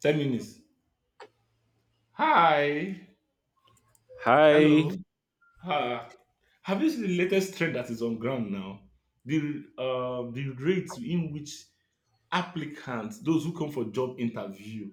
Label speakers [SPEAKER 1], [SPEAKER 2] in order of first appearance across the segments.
[SPEAKER 1] 10 minutes. Hi.
[SPEAKER 2] Hi.
[SPEAKER 1] Hello. Ah. Have you seen the latest trend that is on ground now? The rate in which applicants, those who come for job interview,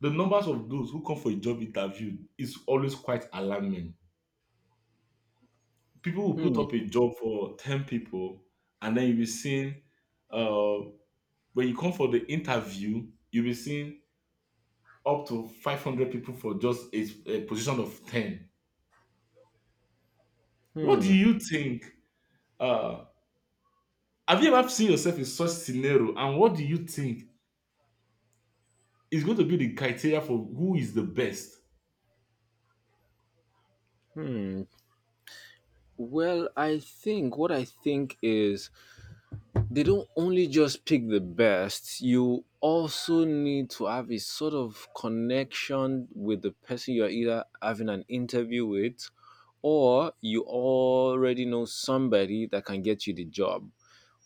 [SPEAKER 1] the numbers of those who come for a job interview is always quite alarming. People will
[SPEAKER 2] Hmm.
[SPEAKER 1] put up a job for 10 people, and then you'll be seeing uh, when you come for the interview, you'll be seeing up to 500 people for just a position of 10. What do
[SPEAKER 2] Hmm.
[SPEAKER 1] you think? uh, Have you ever seen yourself in such scenario? And what do you think is going to be the criteria for who is the best?
[SPEAKER 2] Hmm. Well, I think what I think is, they don't only just pick the best. You also need to have a sort of connection with the person you're either having an interview with, or you already know somebody that can get you the job,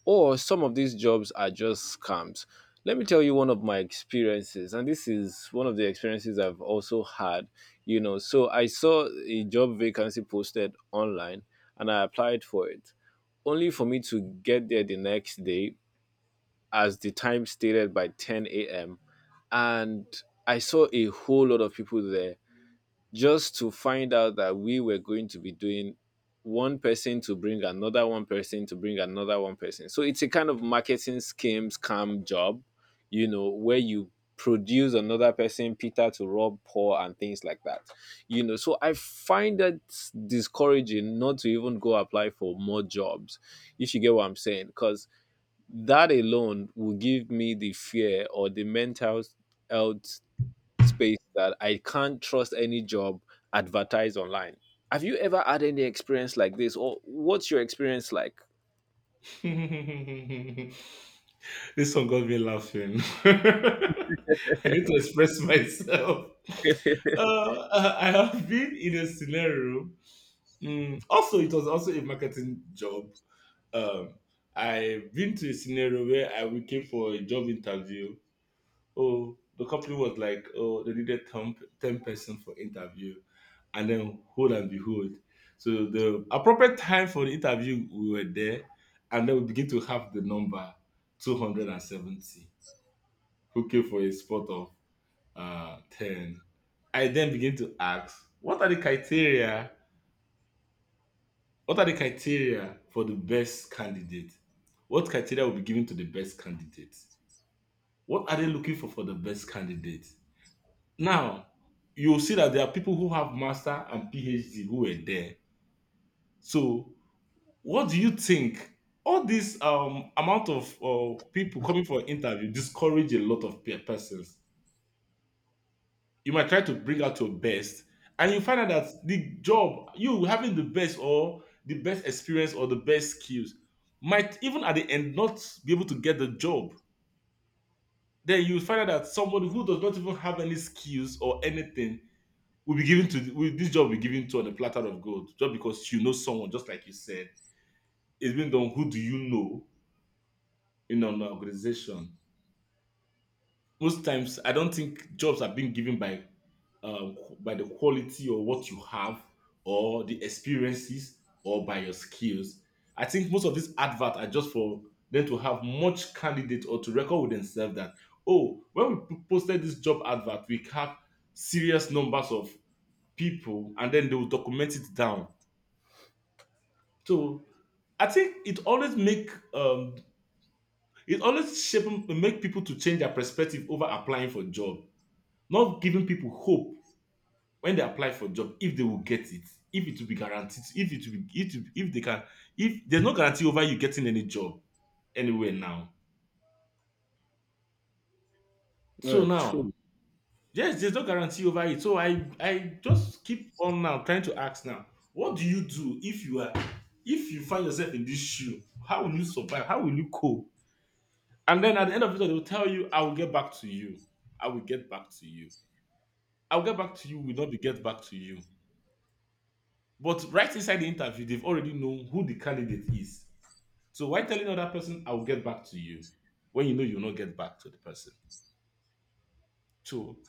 [SPEAKER 2] or some of these jobs are just scams. Let me tell you one of my experiences, and this is one of the experiences I've also had. You know, so I saw a job vacancy posted online and I applied for it, only for me to get there the next day as the time stated by 10 a.m. And I saw a whole lot of people there, just to find out that we were going to be doing one person to bring another one person to bring another one person. So it's a kind of marketing scheme scam job, you know, where you produce another person, Peter to rob Paul and things like that. You know, so I find it discouraging not to even go apply for more jobs, if you get what I'm saying, because that alone will give me the fear or the mental health space that I can't trust any job advertised online. Have you ever had any experience like this, or what's your experience like?
[SPEAKER 1] This one got me laughing. I need to express myself. I have been in a scenario. Also, it was also a marketing job. Um, I've been to a scenario where I we came for a job interview. Oh, the company was like, oh, they needed ten person for interview. And then hold and behold, so the appropriate time for the interview, we were there, and then we begin to have the number 270 who came for a spot of 10. I then begin to ask, what are the criteria, what are the criteria for the best candidate, what criteria will be given to the best candidate, what are they looking for the best candidate. Now, you'll see that there are people who have master and PhD who were there. So, what do you think? All this amount of people coming for interview discourage a lot of persons. You might try to bring out your best, and you find out that the job you having the best or the best experience or the best skills might even at the end not be able to get the job. Then you find out that somebody who does not even have any skills or anything will be given to will, this job will be given to on a platter of gold just because you know someone, just like you said, it's been done, who do you know in an organization. Most times I don't think jobs are being given by the quality or what you have or the experiences or by your skills. I think most of these adverts are just for them to have much candidate or to record with themselves that, oh, when we posted this job advert, we have serious numbers of people, and then they will document it down. So I think it always make it always shape make people to change their perspective over applying for job, not giving people hope when they apply for job if they will get it, if it will be guaranteed, if it will be if they can, if there's no guarantee over you getting any job anywhere now. So
[SPEAKER 2] No,
[SPEAKER 1] now,
[SPEAKER 2] true.
[SPEAKER 1] yes, there's no guarantee over it. So I just keep on now trying to ask now, what do you do if you find yourself in this shoe? How will you survive? How will you cope? And then at the end of it, they will tell you, I will get back to you. I will get back to you. I will get back to you will not be get back to you. But right inside the interview, they've already known who the candidate is. So why telling another person, I will get back to you, when you know you'll not get back to the person? So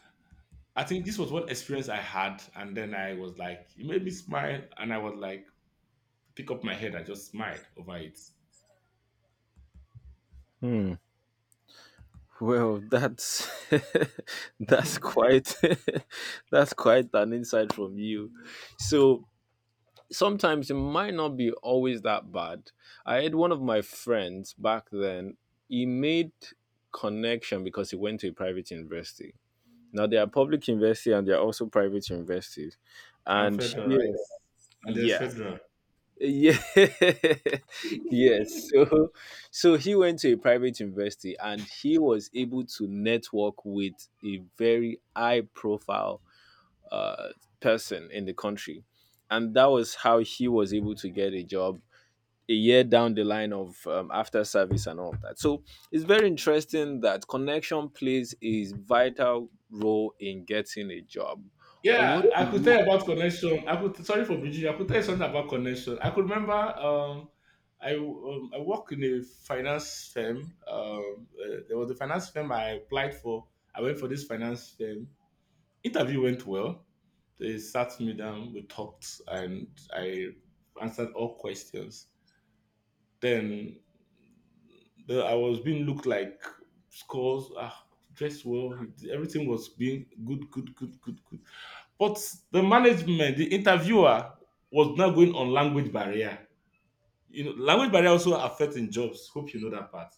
[SPEAKER 1] I think this was one experience I had. And then I was like, it made me smile. And I was like, pick up my head. I just smiled over it.
[SPEAKER 2] Hmm. Well, that's that's quite that's quite an insight from you. So sometimes it might not be always that bad. I had one of my friends back then. He made connection because he went to a private university. Now there are public universities and there are also private universities,
[SPEAKER 1] and
[SPEAKER 2] and
[SPEAKER 1] felt all
[SPEAKER 2] here,
[SPEAKER 1] right. And there's
[SPEAKER 2] yes,
[SPEAKER 1] federal.
[SPEAKER 2] yeah, yes. So he went to a private university and he was able to network with a very high-profile uh, person in the country, and that was how he was able to get a job a year down the line of after service and all of that. So it's very interesting that connection plays a vital role in getting a job. Or what?
[SPEAKER 1] Yeah,
[SPEAKER 2] Do
[SPEAKER 1] I could tell
[SPEAKER 2] you—
[SPEAKER 1] you about connection. I could, sorry for bridging you. I could tell you something about connection. I could remember I work in a finance firm. There was a finance firm I applied for. I went for this finance firm. Interview went well. They sat me down, we talked, and I answered all questions. Then I was being looked like scores. Ah, dressed well. Everything was being good, good, good, good, good. But the management, the interviewer was now going on language barrier. You know, language barrier also affecting jobs. Hope you know that part.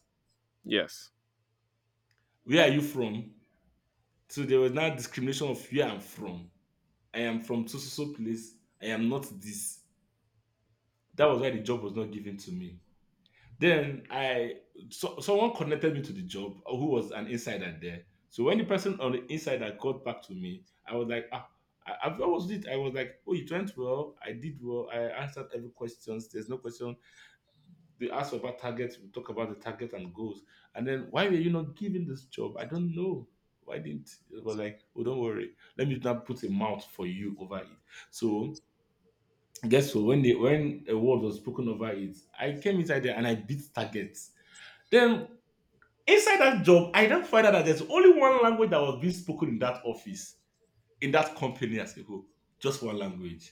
[SPEAKER 2] Yes.
[SPEAKER 1] Where are you from? So there was now discrimination of where I'm from. I am from so so so place. I am not this. That was why the job was not given to me. Then someone connected me to the job who was an insider there. So when the person on the insider got back to me, I was like, ah, I've always did. I was like, oh, it went well. I did well. I answered every questions. There's no question. They asked about targets. We talk about the target and goals. And then why were you not given this job? I don't know. Why didn't? It was like, oh, don't worry. Let me now put a mouth for you over it. So guess what? When the when a word was spoken over it, I came inside there and I beat targets. Then inside that job, I then find out that there's only one language that was being spoken in that office, in that company as a whole. Just one language.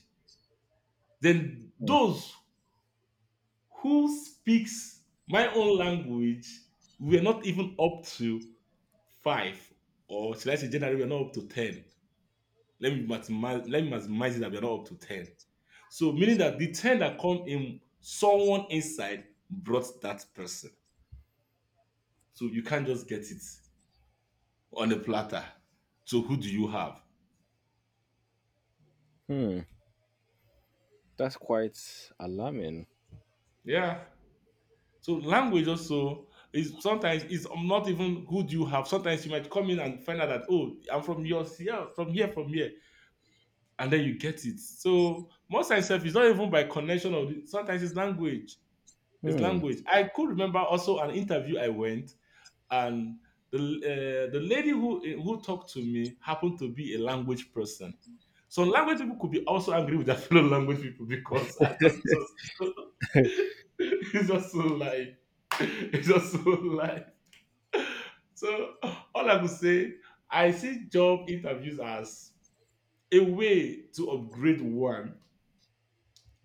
[SPEAKER 1] Then those who speaks my own language were not even up to five, or should I say generally we're not up to 10. Let me maximize it that we're not up to 10. So meaning that the 10 that come in, someone inside brought that person. So you can't just get it on a platter. So who do you have?
[SPEAKER 2] Hmm. That's quite alarming.
[SPEAKER 1] Yeah. So language also is sometimes is not even who do you have. Sometimes you might come in and find out that, oh, I'm from your here, from here, from here, and then you get it. So most times sef, it's not even by connection sometimes it's language. It's
[SPEAKER 2] Hmm.
[SPEAKER 1] language. I could remember also an interview I went, and the the lady who talked to me happened to be a language person. So language people could be also angry with their fellow language people, because I don't just it's just so like it's just so like. So all I could say, I see job interviews as a way to upgrade one,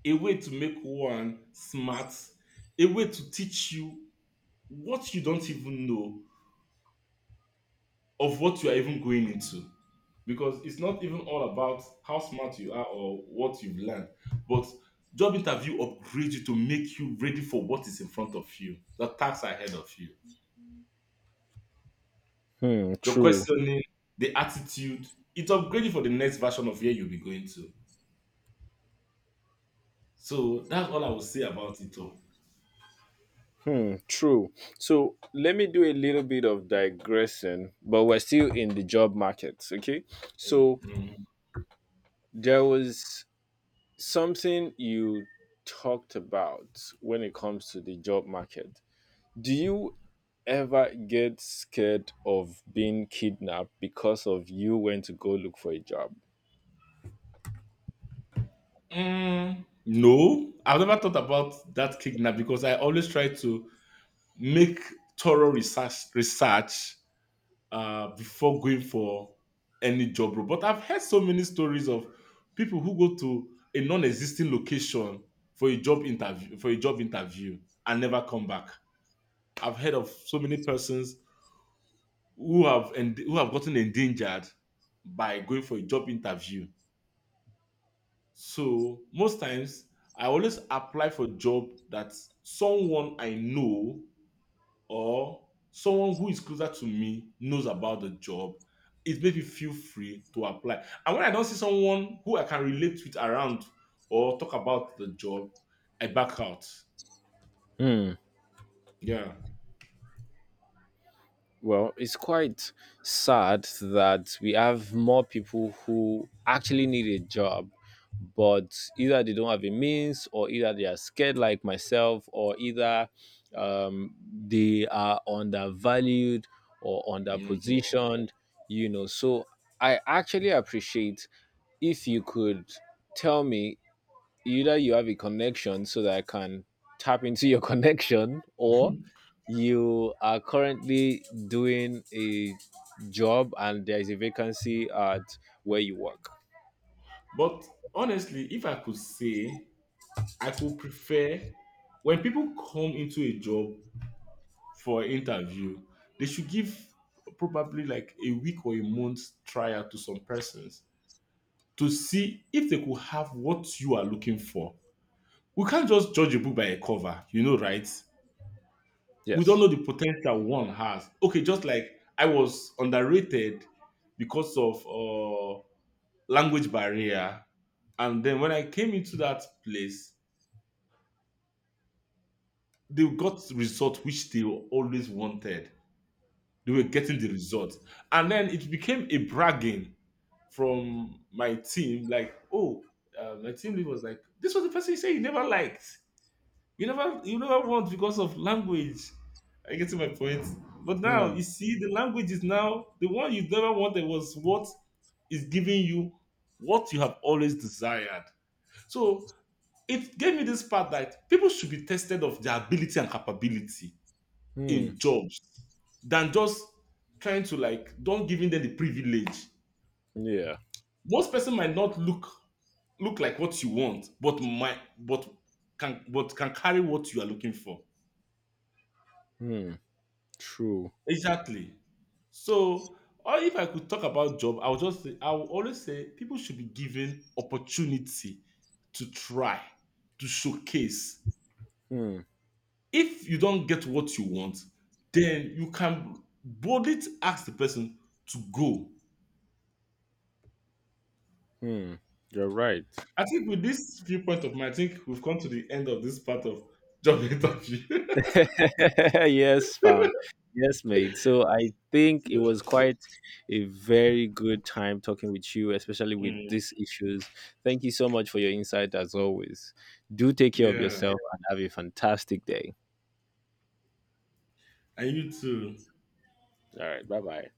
[SPEAKER 1] a way to make one smart, a way to teach you what you don't even know of what you are even going into. Because it's not even all about how smart you are or what you've learned, but job interview upgrades you to make you ready for what is in front of you, the tasks ahead of you,
[SPEAKER 2] Hmm.
[SPEAKER 1] the
[SPEAKER 2] True.
[SPEAKER 1] questioning, the attitude. It upgrades you for the next version of where you'll be going to. So that's all I will say about it all.
[SPEAKER 2] True. So let me do a little bit of digressing, but we're still in the job market. Okay. So
[SPEAKER 1] Mm.
[SPEAKER 2] there was something you talked about when it comes to the job market. Do you ever get scared of being kidnapped because of you went to go look for a job?
[SPEAKER 1] No, I've never thought about that kidnap because I always try to make thorough research before going for any job role. But I've heard so many stories of people who go to a non-existing location for a job interview and never come back. I've heard of so many persons who have gotten endangered by going for a job interview. So most times I always apply for job that someone I know or someone who is closer to me knows about the job. It makes me feel free to apply. And when I don't see someone who I can relate with around or talk about the job, I back out.
[SPEAKER 2] Hmm.
[SPEAKER 1] Yeah.
[SPEAKER 2] Well, it's quite sad that we have more people who actually need a job, but either they don't have a means, or either they are scared like myself, or either um, they are undervalued or
[SPEAKER 1] Mhm.
[SPEAKER 2] underpositioned, you know. So I actually appreciate if you could tell me, either you have a connection so that I can tap into your connection, or you are currently doing a job and there is a vacancy at where you work.
[SPEAKER 1] But honestly, if I could say, I could prefer when people come into a job for interview, they should give probably like a week or a month trial to some persons to see if they could have what you are looking for. We can't just judge a book by a cover, you know, right? We don't
[SPEAKER 2] Yes.
[SPEAKER 1] know the potential one has. Okay, just like I was underrated because of language barrier, and then when I came into that place, they got result which they always wanted. They were getting the result, and then it became a bragging from my team, like, oh, my team lead was like, this was the person you say you never liked. You never want because of language. I get to my point. But now
[SPEAKER 2] Hmm.
[SPEAKER 1] you see the language is now the one you never wanted was what is giving you what you have always desired. So it gave me this part that people should be tested of their ability and capability
[SPEAKER 2] Hmm.
[SPEAKER 1] in jobs than just trying to like don't giving them the privilege.
[SPEAKER 2] Yeah.
[SPEAKER 1] Most person might not look like what you want, but can carry what you are looking for.
[SPEAKER 2] Hmm. True.
[SPEAKER 1] Exactly. So, or if I could talk about job, I would just say I will always say people should be given opportunity to try to showcase.
[SPEAKER 2] Hmm.
[SPEAKER 1] If you don't get what you want, then you can boldly ask the person to go.
[SPEAKER 2] Hmm. You're right.
[SPEAKER 1] I think with this viewpoint of mine, I think we've come to the end of this part of job interview.
[SPEAKER 2] Yes, fam. Yes, mate. So I think it was quite a very good time talking with you, especially with
[SPEAKER 1] Mm.
[SPEAKER 2] these issues. Thank you so much for your insight as always. Do take care of
[SPEAKER 1] Yeah,
[SPEAKER 2] yourself and have a fantastic day.
[SPEAKER 1] and you too.
[SPEAKER 2] All right. Bye bye.